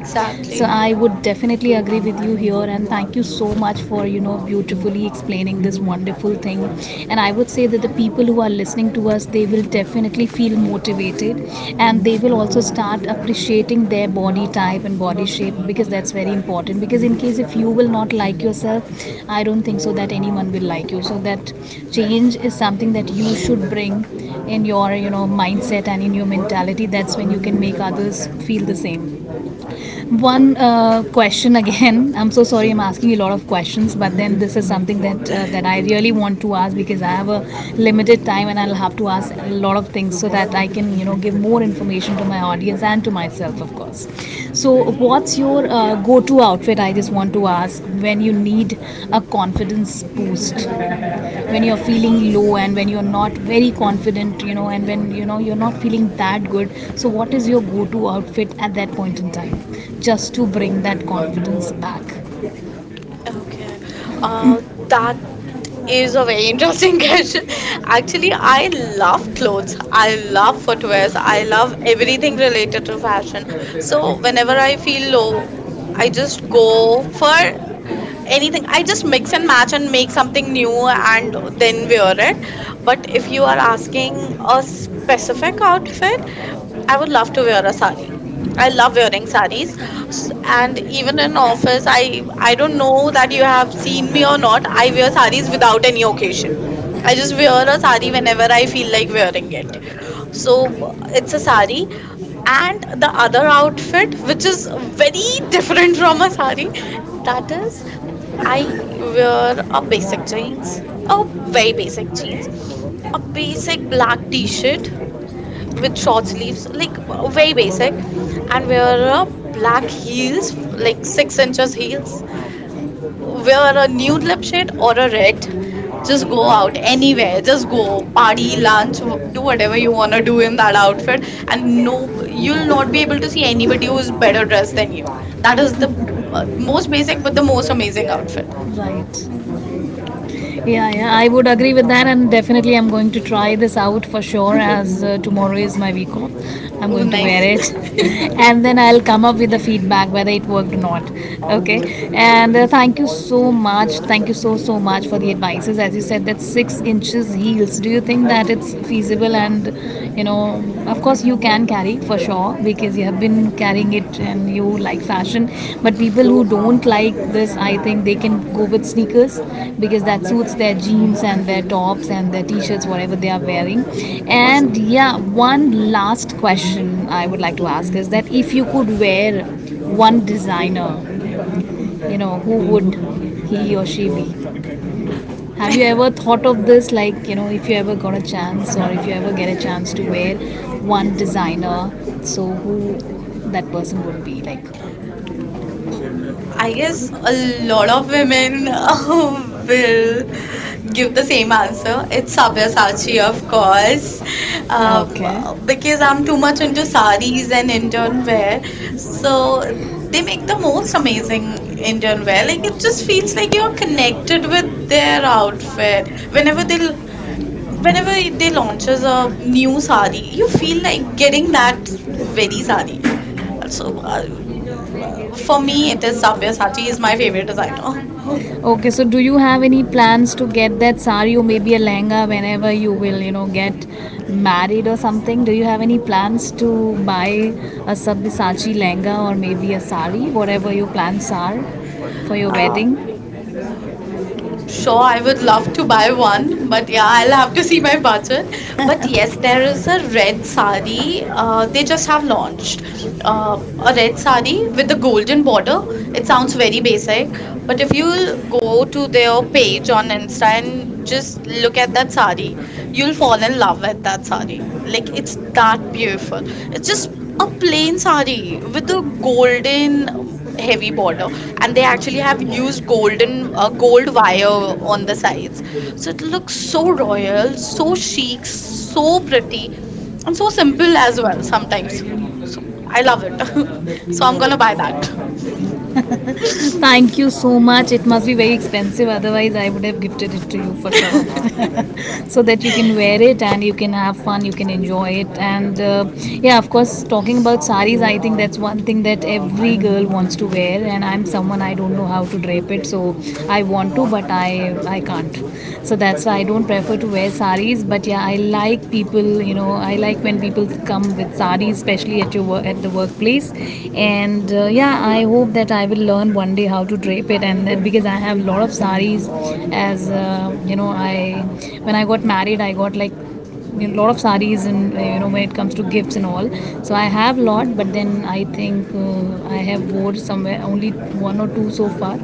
Speaker 1: So I would definitely agree with you here, and thank you so much for beautifully explaining this wonderful thing. And I would say that the people who are listening to us, they will definitely feel motivated, and they will also start appreciating their body type and body shape, because that's very important, because in case if you will not like yourself, I don't think so that anyone will like you. So that change is something that you should bring in your mindset and in your mentality. That's when you can make others feel the same. One question again. (laughs) I'm so sorry. I'm asking a lot of questions, but then this is something that I really want to ask because I have a
Speaker 2: Mhm.
Speaker 1: limited time, and I'll have to ask a lot of things so that I can give more information to my audience and to myself, of course. So, what's your goal go-to outfit? I just want to ask, when you need a confidence boost, when you're feeling low and when you're not very confident, and when you're not feeling that good, so what is your go-to outfit at that point in time, just to bring that confidence back?
Speaker 2: Okay. Uh,
Speaker 1: That
Speaker 2: that
Speaker 1: is
Speaker 2: is
Speaker 1: a
Speaker 2: a
Speaker 1: very
Speaker 2: very
Speaker 1: interesting.
Speaker 2: interesting (laughs) question. Actually,
Speaker 1: I
Speaker 2: I
Speaker 1: love
Speaker 2: love
Speaker 1: clothes,
Speaker 2: clothes. I love footwears.
Speaker 1: footwear,
Speaker 2: I love everything
Speaker 1: everything
Speaker 2: related
Speaker 1: related
Speaker 2: to
Speaker 1: to
Speaker 2: fashion.
Speaker 1: fashion.
Speaker 2: So
Speaker 1: So
Speaker 2: whenever I feel low, I
Speaker 1: I just
Speaker 2: just
Speaker 1: go
Speaker 2: go for
Speaker 1: for any
Speaker 2: anything. I just mix and match
Speaker 1: fashion
Speaker 2: and make
Speaker 1: makeup
Speaker 2: something new
Speaker 1: new, and
Speaker 2: and then
Speaker 1: then we are
Speaker 2: wear it. But if you are
Speaker 1: being
Speaker 2: asking
Speaker 1: a
Speaker 2: a
Speaker 1: specific,
Speaker 2: specific outfit, I
Speaker 1: I,
Speaker 2: would love to wear a sari. I love wearing saris, and
Speaker 1: and even
Speaker 2: even in office,
Speaker 1: like,
Speaker 2: I
Speaker 1: I
Speaker 2: don't
Speaker 1: don't
Speaker 2: know
Speaker 1: know,
Speaker 2: that you have seen
Speaker 1: seeing
Speaker 2: me
Speaker 1: me
Speaker 2: or
Speaker 1: on
Speaker 2: not. I wear
Speaker 1: these
Speaker 2: saris
Speaker 1: without
Speaker 2: without any occasion.
Speaker 1: occasion. I
Speaker 2: I just
Speaker 1: just wear,
Speaker 2: wear a sari whenever I
Speaker 1: I feel
Speaker 2: feel like
Speaker 1: like.
Speaker 2: wearing it.
Speaker 1: So
Speaker 2: So it's
Speaker 1: it's
Speaker 2: a
Speaker 1: a,
Speaker 2: sari, and
Speaker 1: and the
Speaker 2: the other
Speaker 1: outfit
Speaker 2: outfit, which
Speaker 1: which is
Speaker 2: is
Speaker 1: very
Speaker 2: very
Speaker 1: different.
Speaker 2: different from a sari, that is,
Speaker 1: That
Speaker 2: I
Speaker 1: is,
Speaker 2: wear
Speaker 1: I
Speaker 2: a
Speaker 1: wear
Speaker 2: basic
Speaker 1: basically
Speaker 2: jeans, a
Speaker 1: a
Speaker 2: very
Speaker 1: very
Speaker 2: basic jeans,
Speaker 1: basic,
Speaker 2: a
Speaker 1: a basic
Speaker 2: basic
Speaker 1: black
Speaker 2: black
Speaker 1: t-shirt
Speaker 2: t-shirt with
Speaker 1: with
Speaker 2: short
Speaker 1: short sleeves,
Speaker 2: sleeves,
Speaker 1: like
Speaker 2: like
Speaker 1: very
Speaker 2: very
Speaker 1: basic.
Speaker 2: basic, and
Speaker 1: And wear
Speaker 2: wear a
Speaker 1: black
Speaker 2: black
Speaker 1: heels,
Speaker 2: heels,
Speaker 1: like
Speaker 2: like
Speaker 1: six
Speaker 2: 6 inches
Speaker 1: inches heels.
Speaker 2: heels. Wear
Speaker 1: Wear
Speaker 2: a
Speaker 1: a nude
Speaker 2: nude lip
Speaker 1: black
Speaker 2: shade
Speaker 1: shade
Speaker 2: or
Speaker 1: or
Speaker 2: a
Speaker 1: a red.
Speaker 2: red.
Speaker 1: Just
Speaker 2: Just
Speaker 1: go
Speaker 2: go
Speaker 1: out
Speaker 2: out anywhere.
Speaker 1: anywhere. Just
Speaker 2: Just go
Speaker 1: go party,
Speaker 2: party,
Speaker 1: lunch,
Speaker 2: lunch, do
Speaker 1: do
Speaker 2: whatever
Speaker 1: whatever
Speaker 2: you
Speaker 1: you
Speaker 2: want
Speaker 1: want
Speaker 2: to
Speaker 1: to
Speaker 2: do
Speaker 1: do
Speaker 2: in
Speaker 1: in
Speaker 2: that
Speaker 1: that outfit,
Speaker 2: outfit,
Speaker 1: and
Speaker 2: and no, you'll not
Speaker 1: you'll be
Speaker 2: be able
Speaker 1: able
Speaker 2: to
Speaker 1: to
Speaker 2: see
Speaker 1: see
Speaker 2: anybody
Speaker 1: anybody who's
Speaker 2: who's better
Speaker 1: better.
Speaker 2: dressed than you. That
Speaker 1: That is
Speaker 2: is
Speaker 1: the
Speaker 2: the most
Speaker 1: most,
Speaker 2: basic but
Speaker 1: but
Speaker 2: the
Speaker 1: the
Speaker 2: most
Speaker 1: most amazing
Speaker 2: amazing
Speaker 1: outfit.
Speaker 2: outfit.
Speaker 1: Right. Yeah, yeah, I would agree with that, and definitely I'm going to try this out for sure.
Speaker 2: (laughs)
Speaker 1: As Tomorrow is my week off, I'm
Speaker 2: Oh,
Speaker 1: going to wear
Speaker 2: nice.
Speaker 1: it, (laughs)
Speaker 2: (laughs)
Speaker 1: and then I'll come up with the feedback whether it worked or not. Okay, and thank you so much. Thank you so much for the advices. As you said, that 6 inches heels. Do you think that it's feasible? And of course, you can carry for sure because you have been carrying it and you like fashion. But people who don't like this, I think they can go with sneakers because that suits their jeans and their tops and their t shirts, whatever they are wearing.
Speaker 2: For
Speaker 1: And
Speaker 2: sure.
Speaker 1: yeah, one last question I would like to ask is that if you could wear one designer, who would he or she be? Have you ever thought of this, like, you know, if you ever got a chance or if you ever get a chance to wear one designer, so who that person would be? Like,
Speaker 2: I
Speaker 1: I guess
Speaker 2: guess
Speaker 1: a
Speaker 2: a lot
Speaker 1: lot
Speaker 2: of
Speaker 1: of
Speaker 2: women (laughs)
Speaker 1: women will
Speaker 2: will give
Speaker 1: give
Speaker 2: the same answer.
Speaker 1: answer.
Speaker 2: It's
Speaker 1: Sachi,
Speaker 2: Sabyasachi,
Speaker 1: of
Speaker 2: of course,
Speaker 1: course.
Speaker 2: uh,
Speaker 1: Okay.
Speaker 2: because I'm too much
Speaker 1: Much
Speaker 2: into
Speaker 1: into
Speaker 2: saris
Speaker 1: saris
Speaker 2: and
Speaker 1: and
Speaker 2: Indian
Speaker 1: Indian wear.
Speaker 2: wear.
Speaker 1: So
Speaker 2: So they
Speaker 1: they
Speaker 2: make
Speaker 1: make the
Speaker 2: the most
Speaker 1: most amazing
Speaker 2: amazing Indian
Speaker 1: Indian.
Speaker 2: wear. Like
Speaker 1: Like
Speaker 2: it
Speaker 1: it
Speaker 2: just
Speaker 1: just
Speaker 2: feels
Speaker 1: feels
Speaker 2: like
Speaker 1: like
Speaker 2: you're
Speaker 1: they
Speaker 2: connected with their
Speaker 1: outfit.
Speaker 2: outfit. Whenever
Speaker 1: When
Speaker 2: they launches a new
Speaker 1: new
Speaker 2: sari,
Speaker 1: sari,
Speaker 2: you
Speaker 1: you feel
Speaker 2: feel like
Speaker 1: like
Speaker 2: getting
Speaker 1: getting
Speaker 2: that
Speaker 1: that is very
Speaker 2: very sari.
Speaker 1: sad.
Speaker 2: So for
Speaker 1: For me,
Speaker 2: me, it
Speaker 1: it
Speaker 2: is
Speaker 1: is sari.
Speaker 2: Sabyasachi
Speaker 1: Sari
Speaker 2: is
Speaker 1: is
Speaker 2: my
Speaker 1: my
Speaker 2: favorite
Speaker 1: favorite
Speaker 2: designer.
Speaker 1: designer. Okay, so do you have any plans to get that sari or maybe a lehenga whenever you will, you know, get married or something? Do you have any plans to buy a Sabyasachi lehenga or maybe a sari, whatever your plans are for your
Speaker 2: (laughs) uh,
Speaker 1: wedding?
Speaker 2: Sure,
Speaker 1: So, I
Speaker 2: I would love
Speaker 1: have
Speaker 2: to
Speaker 1: to
Speaker 2: buy
Speaker 1: buy
Speaker 2: one,
Speaker 1: one, but
Speaker 2: but yeah, I'll have to
Speaker 1: to
Speaker 2: see
Speaker 1: see
Speaker 2: my
Speaker 1: my.
Speaker 2: budget. But
Speaker 1: But yes,
Speaker 2: yes, there is a
Speaker 1: there
Speaker 2: red sari.
Speaker 1: is a
Speaker 2: They just have launched uh, a red
Speaker 1: red
Speaker 2: sari
Speaker 1: sari.
Speaker 2: with a
Speaker 1: With
Speaker 2: golden
Speaker 1: golden
Speaker 2: border.
Speaker 1: border,
Speaker 2: It
Speaker 1: it
Speaker 2: sounds
Speaker 1: sounds
Speaker 2: very
Speaker 1: very basic,
Speaker 2: basic, but
Speaker 1: but
Speaker 2: if
Speaker 1: if you
Speaker 2: you go
Speaker 1: go to
Speaker 2: to
Speaker 1: the
Speaker 2: their page on
Speaker 1: Lensa
Speaker 2: Insta and
Speaker 1: and just
Speaker 2: just look
Speaker 1: look at
Speaker 2: at that
Speaker 1: Bali,
Speaker 2: sari, you'll
Speaker 1: you'll
Speaker 2: fall
Speaker 1: find
Speaker 2: in love with that
Speaker 1: that sari.
Speaker 2: sari.
Speaker 1: Like
Speaker 2: Like
Speaker 1: it's
Speaker 2: it's
Speaker 1: that
Speaker 2: that beautiful.
Speaker 1: beautiful.
Speaker 2: It's
Speaker 1: It's just
Speaker 2: just a
Speaker 1: a
Speaker 2: plain
Speaker 1: plain sari
Speaker 2: sari
Speaker 1: with
Speaker 2: with
Speaker 1: the
Speaker 2: a golden
Speaker 1: golden
Speaker 2: heavy
Speaker 1: heavy,
Speaker 2: border, and
Speaker 1: and
Speaker 2: they
Speaker 1: they
Speaker 2: actually
Speaker 1: actually
Speaker 2: have
Speaker 1: have
Speaker 2: used
Speaker 1: used
Speaker 2: golden
Speaker 1: golden gold
Speaker 2: gold wire on
Speaker 1: on
Speaker 2: the
Speaker 1: the face,
Speaker 2: sides, so
Speaker 1: so
Speaker 2: it
Speaker 1: it
Speaker 2: looks
Speaker 1: looks so
Speaker 2: so
Speaker 1: well,
Speaker 2: royal, so
Speaker 1: so chic,
Speaker 2: chic,
Speaker 1: so
Speaker 2: so pretty,
Speaker 1: deep,
Speaker 2: and
Speaker 1: and
Speaker 2: so
Speaker 1: so
Speaker 2: simple
Speaker 1: simple as
Speaker 2: as well
Speaker 1: well
Speaker 2: sometimes.
Speaker 1: sometimes.
Speaker 2: So I love it. (laughs) So I'm gonna
Speaker 1: So,
Speaker 2: buy that.
Speaker 1: thank you so much. It must be very expensive, otherwise, I would have gifted it to you for sure.
Speaker 2: (laughs)
Speaker 1: (laughs) So that you can wear it and you can have fun, you can enjoy it. And yeah, of course, talking about saris, I think that's one thing that every girl wants to wear. And I'm someone, I don't know how to drape it, so I want to, but I can't. So that's why I don't prefer to wear saris. But yeah, I like people, you know, I like when people come with sarees, especially at your work, at the workplace. And yeah, I hope that I will learn one day how to drape it, and that because I have a lot of sarees. As you know, I when I got married, I got like a lot of sarees and you know, when it comes to gifts and all, so I have a lot, but then I think I have wore somewhere only one or two so far.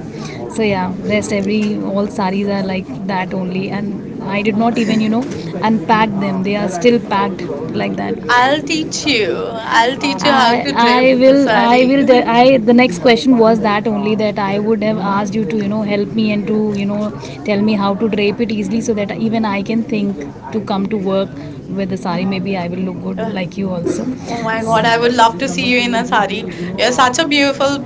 Speaker 1: So yeah, rest every all saris are like that only, and I did not even, you know, unpack them. They are still packed like that.
Speaker 2: I'll
Speaker 1: I'll teach
Speaker 2: teach you.
Speaker 1: you. I'll
Speaker 2: I'll
Speaker 1: teach
Speaker 2: teach you
Speaker 1: you. I,
Speaker 2: how to drape
Speaker 1: I
Speaker 2: a
Speaker 1: will
Speaker 2: sari.
Speaker 1: I will the, I the next question was that only, that I would have asked you to, you know, help me and to, you know, tell me how to drape it easily so that even I can think to come to work with the sari, maybe I will look good
Speaker 2: (laughs)
Speaker 1: like you also.
Speaker 2: Oh my God, I
Speaker 1: I
Speaker 2: would
Speaker 1: would
Speaker 2: love
Speaker 1: love
Speaker 2: to
Speaker 1: to
Speaker 2: see
Speaker 1: see
Speaker 2: you
Speaker 1: you
Speaker 2: in
Speaker 1: in
Speaker 2: a
Speaker 1: a sari.
Speaker 2: sari. You're
Speaker 1: Yes,
Speaker 2: such a
Speaker 1: are
Speaker 2: beautiful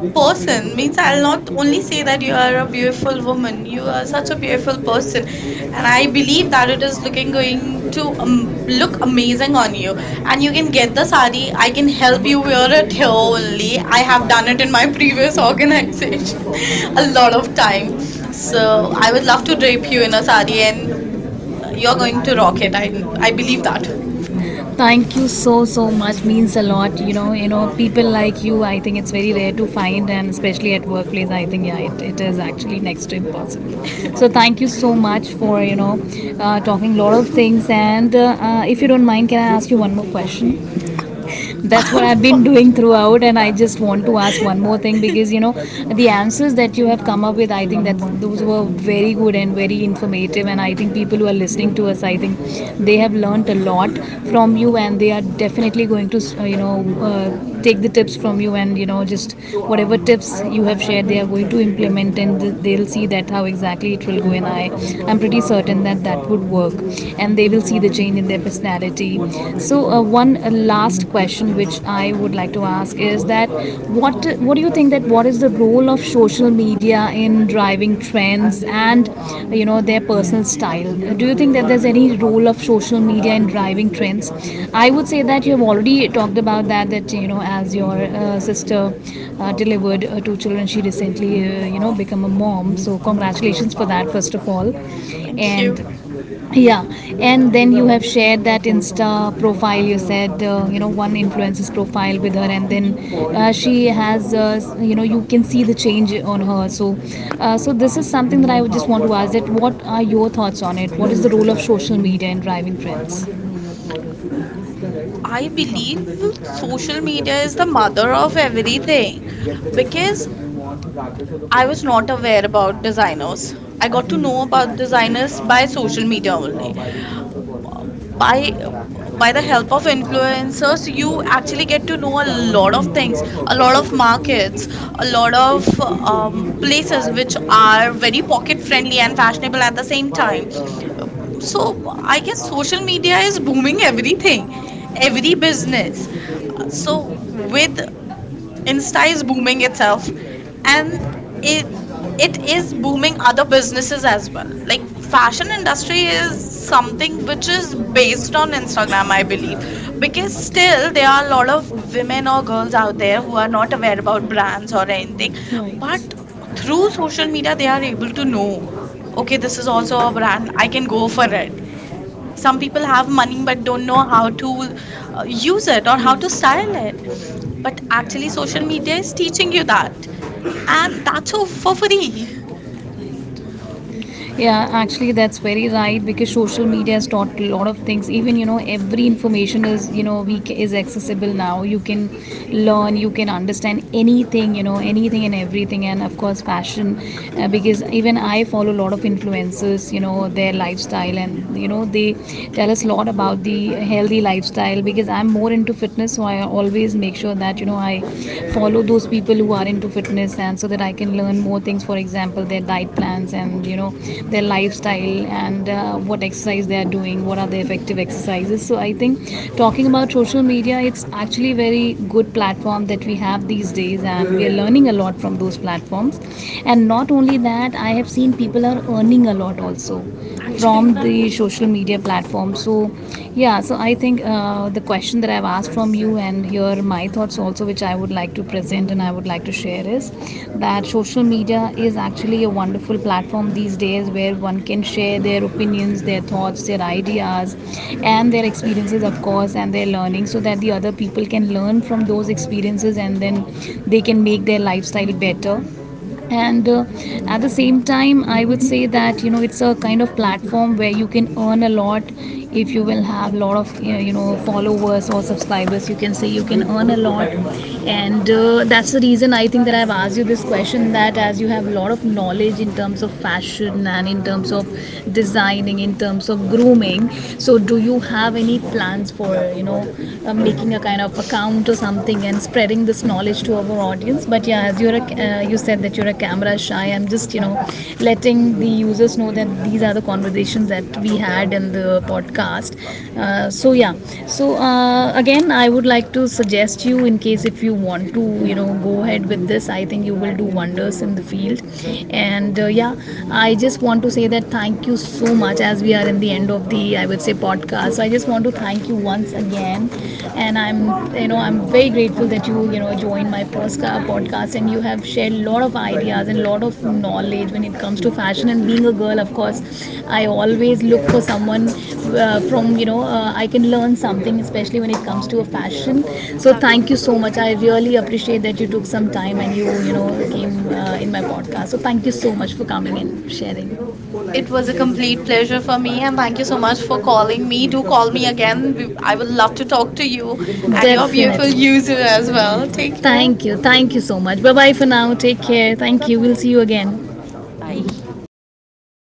Speaker 1: a
Speaker 2: person.
Speaker 1: person
Speaker 2: Means
Speaker 1: means
Speaker 2: I'll
Speaker 1: I'll not
Speaker 2: not only
Speaker 1: only
Speaker 2: say
Speaker 1: you're
Speaker 2: that you are a
Speaker 1: a beautiful
Speaker 2: beautiful woman,
Speaker 1: woman.
Speaker 2: you are
Speaker 1: You're
Speaker 2: such
Speaker 1: such
Speaker 2: a
Speaker 1: a
Speaker 2: beautiful
Speaker 1: beautiful
Speaker 2: person.
Speaker 1: person.
Speaker 2: And I
Speaker 1: I
Speaker 2: believe
Speaker 1: believe
Speaker 2: that it is
Speaker 1: this
Speaker 2: looking
Speaker 1: looking
Speaker 2: going
Speaker 1: going
Speaker 2: to
Speaker 1: to
Speaker 2: look
Speaker 1: look
Speaker 2: amazing
Speaker 1: amazing for
Speaker 2: on you.
Speaker 1: you.
Speaker 2: And
Speaker 1: And
Speaker 2: you
Speaker 1: you
Speaker 2: can
Speaker 1: can,
Speaker 2: get the sari. I
Speaker 1: I
Speaker 2: can
Speaker 1: can
Speaker 2: help
Speaker 1: help
Speaker 2: you
Speaker 1: you
Speaker 2: wear it
Speaker 1: with
Speaker 2: here only.
Speaker 1: only.
Speaker 2: I
Speaker 1: I
Speaker 2: have done it in my previous organization
Speaker 1: benefit for
Speaker 2: (laughs)
Speaker 1: a
Speaker 2: a lot
Speaker 1: lot
Speaker 2: of
Speaker 1: of
Speaker 2: time.
Speaker 1: time.
Speaker 2: So
Speaker 1: So
Speaker 2: I
Speaker 1: I
Speaker 2: would
Speaker 1: would
Speaker 2: love
Speaker 1: love
Speaker 2: to
Speaker 1: to drink
Speaker 2: drape you in a sari, and
Speaker 1: and
Speaker 2: you're
Speaker 1: you're going
Speaker 2: going to
Speaker 1: to
Speaker 2: rock
Speaker 1: rock
Speaker 2: it.
Speaker 1: it. I,
Speaker 2: I
Speaker 1: I
Speaker 2: believe
Speaker 1: believe
Speaker 2: that.
Speaker 1: that. Thank you so so much, means a lot, you know. You know, people like you, I think it's very rare to find, and especially at workplace, I think yeah, it is actually next to impossible. So thank you so much for, you know, talking a lot of things, and if you don't mind, can I ask you one more question? That's what I've been
Speaker 2: (laughs)
Speaker 1: doing throughout. And I just want to ask one more thing because, you know, the answers that you have come up with, I think that those were very good and very informative. And I think people who are listening to us, I think they have learnt a lot from you, and they are definitely going to you know, take the tips from you, and you know, just whatever tips you have shared, they are going to implement, and they'll
Speaker 2: Mhm.
Speaker 1: see that how exactly it will go. And I'm pretty certain that that would work and they will see the change in their personality. So, one last question which I would like to ask is that what do you think that what is the role of social media in driving trends and, you know, their personal style? Do you think that there's any role of social media in driving trends? I would say that you have already talked about that, that you know, as your sister delivered two children. She recently, you know, become a mom. So congratulations for that, first of all.
Speaker 2: Thank
Speaker 1: And
Speaker 2: you.
Speaker 1: yeah, and then you have shared that Insta profile. You said, you know, one influencer's profile with her, and
Speaker 2: Mhm.
Speaker 1: then she has, you know, you can see the change on her. So, so this is something that I would just want to ask. That what are your thoughts on it? What is the role of social media in driving trends? I
Speaker 2: I
Speaker 1: believe
Speaker 2: believe social media is the mother of everything,
Speaker 1: everything.
Speaker 2: because I was not aware about
Speaker 1: I
Speaker 2: designers. I
Speaker 1: got
Speaker 2: got
Speaker 1: to
Speaker 2: to
Speaker 1: know
Speaker 2: know
Speaker 1: about
Speaker 2: about
Speaker 1: this
Speaker 2: designers by
Speaker 1: by social
Speaker 2: social
Speaker 1: media.
Speaker 2: media only. by by the
Speaker 1: My
Speaker 2: help of
Speaker 1: influence.
Speaker 2: influencers,
Speaker 1: So
Speaker 2: you
Speaker 1: you actually
Speaker 2: actually
Speaker 1: get
Speaker 2: get to
Speaker 1: to
Speaker 2: know
Speaker 1: know
Speaker 2: a
Speaker 1: a
Speaker 2: lot
Speaker 1: lot
Speaker 2: of
Speaker 1: of things,
Speaker 2: things, a
Speaker 1: a
Speaker 2: lot
Speaker 1: lot of
Speaker 2: of markets,
Speaker 1: things,
Speaker 2: a lot of
Speaker 1: places
Speaker 2: places
Speaker 1: which
Speaker 2: which
Speaker 1: are at
Speaker 2: are very pocket friendly and fashionable at
Speaker 1: the
Speaker 2: the
Speaker 1: same
Speaker 2: same time.
Speaker 1: time.
Speaker 2: Um,
Speaker 1: So
Speaker 2: so
Speaker 1: I
Speaker 2: I
Speaker 1: guess
Speaker 2: guess
Speaker 1: social
Speaker 2: social media
Speaker 1: media is
Speaker 2: is booming
Speaker 1: booming everything,
Speaker 2: everything, every
Speaker 1: business.
Speaker 2: business. So
Speaker 1: So with
Speaker 2: with Insta
Speaker 1: Insta,
Speaker 2: is booming itself, and it
Speaker 1: it,
Speaker 2: it
Speaker 1: it is
Speaker 2: is booming
Speaker 1: booming up.
Speaker 2: other businesses as well.
Speaker 1: Like,
Speaker 2: Like fashion industry is something
Speaker 1: something which
Speaker 2: which
Speaker 1: is
Speaker 2: is
Speaker 1: based
Speaker 2: based
Speaker 1: on
Speaker 2: on Instagram, I believe,
Speaker 1: Instagram.
Speaker 2: because
Speaker 1: Because
Speaker 2: still there are a lot of
Speaker 1: women
Speaker 2: women
Speaker 1: or
Speaker 2: or
Speaker 1: girls
Speaker 2: girls
Speaker 1: out
Speaker 2: out
Speaker 1: there
Speaker 2: there
Speaker 1: who
Speaker 2: who
Speaker 1: are
Speaker 2: are not aware about
Speaker 1: about brands.
Speaker 2: brands or anything, but
Speaker 1: Right.
Speaker 2: through social media they are
Speaker 1: Are
Speaker 2: able
Speaker 1: able to
Speaker 2: to know,
Speaker 1: know, okay,
Speaker 2: okay, this is also a brand,
Speaker 1: I
Speaker 2: I can
Speaker 1: can
Speaker 2: go
Speaker 1: go
Speaker 2: for
Speaker 1: for
Speaker 2: it.
Speaker 1: it.
Speaker 2: Some people have money
Speaker 1: Someone but
Speaker 2: but don't
Speaker 1: don't
Speaker 2: know how to
Speaker 1: use
Speaker 2: use
Speaker 1: it.
Speaker 2: it or how to style it, but
Speaker 1: Actually,
Speaker 2: actually social
Speaker 1: social media
Speaker 2: media
Speaker 1: is
Speaker 2: is
Speaker 1: steep.
Speaker 2: teaching you that, and
Speaker 1: And
Speaker 2: that's all for free,
Speaker 1: yeah, actually, that's very right because social media has taught a lot of things. Even, you know, every information is, you know, is accessible now. You can learn, you can understand anything, you know, anything and everything, and of course, fashion. Because even I follow a lot of influencers, you know, their lifestyle, and you know, they tell us a lot about the healthy lifestyle. Because I'm more into fitness, so I always make sure that, you know, I follow those people who are into fitness, and so that I can learn more things. For example, their diet plans and, you know, their lifestyle and what exercise they are doing, what are the effective exercises. So I think talking about social media, it's actually very good platform that we have these days and we are learning a lot from those platforms, and not only that, I have seen people are earning a lot also
Speaker 2: actually.
Speaker 1: from the social media platform. So, yeah, so I think the question that I've asked from you, and here my thoughts also, which I would like to present and I would like to share, is that social media is actually a wonderful platform these days where one can share their opinions, their thoughts, their ideas, and their experiences, of course, and their learning so that the other people can learn from those experiences and then they can make their lifestyle better, and at the same time, I would say that, you know, it's a kind of platform where you can earn a lot if you will have a lot of you know, followers or subscribers, you can say, you can earn a lot. And that's the reason I think that I've asked you this question, that as you have a lot of knowledge in terms of fashion and in terms of designing, in terms of grooming, so do you have any plans for, you know, making a kind of account or something and spreading this knowledge to our audience. But yeah, as you're a, you said that you're a camera shy, I'm just, you know, letting the users know that these are the conversations that we had in the podcast. So yeah, so again, I would like to suggest you, in case if you want to, you know, go ahead with this, I think you will do wonders in the field. And yeah, I just want to say that thank you so much as we are in the end of the, I would say, podcast. So I just want to thank you once again, and I'm, you know, I'm very grateful that you know, joined my podcast and you have shared a lot of ideas and a lot of knowledge when it comes to fashion. And being a girl, of course, I always look for someone from, you know, I can learn something, especially when it comes to a fashion. So
Speaker 2: Exactly.
Speaker 1: thank you so much. I really appreciate that you took some time and you know, came in my podcast. So thank you so much for coming and sharing.
Speaker 2: It
Speaker 1: It
Speaker 2: was
Speaker 1: was
Speaker 2: a
Speaker 1: a
Speaker 2: complete
Speaker 1: complete
Speaker 2: pleasure
Speaker 1: pleasure
Speaker 2: for
Speaker 1: for me
Speaker 2: me,
Speaker 1: and
Speaker 2: and thank
Speaker 1: thank
Speaker 2: you
Speaker 1: you
Speaker 2: so
Speaker 1: so much
Speaker 2: much for
Speaker 1: for calling
Speaker 2: calling
Speaker 1: me.
Speaker 2: me.
Speaker 1: Do
Speaker 2: Do call
Speaker 1: call me
Speaker 2: me
Speaker 1: again.
Speaker 2: again. We, I
Speaker 1: I
Speaker 2: would
Speaker 1: would
Speaker 2: love
Speaker 1: love
Speaker 2: to
Speaker 1: to
Speaker 2: talk
Speaker 1: talk
Speaker 2: to
Speaker 1: to
Speaker 2: you
Speaker 1: you.
Speaker 2: and your beautiful (laughs)
Speaker 1: Definitely. To use you
Speaker 2: user
Speaker 1: as
Speaker 2: as well.
Speaker 1: well.
Speaker 2: Take care.
Speaker 1: Thank you. Thank you so much. Bye bye for now. Take care. Thank
Speaker 2: Bye
Speaker 1: you. We'll
Speaker 2: bye.
Speaker 1: see you again.
Speaker 2: Bye.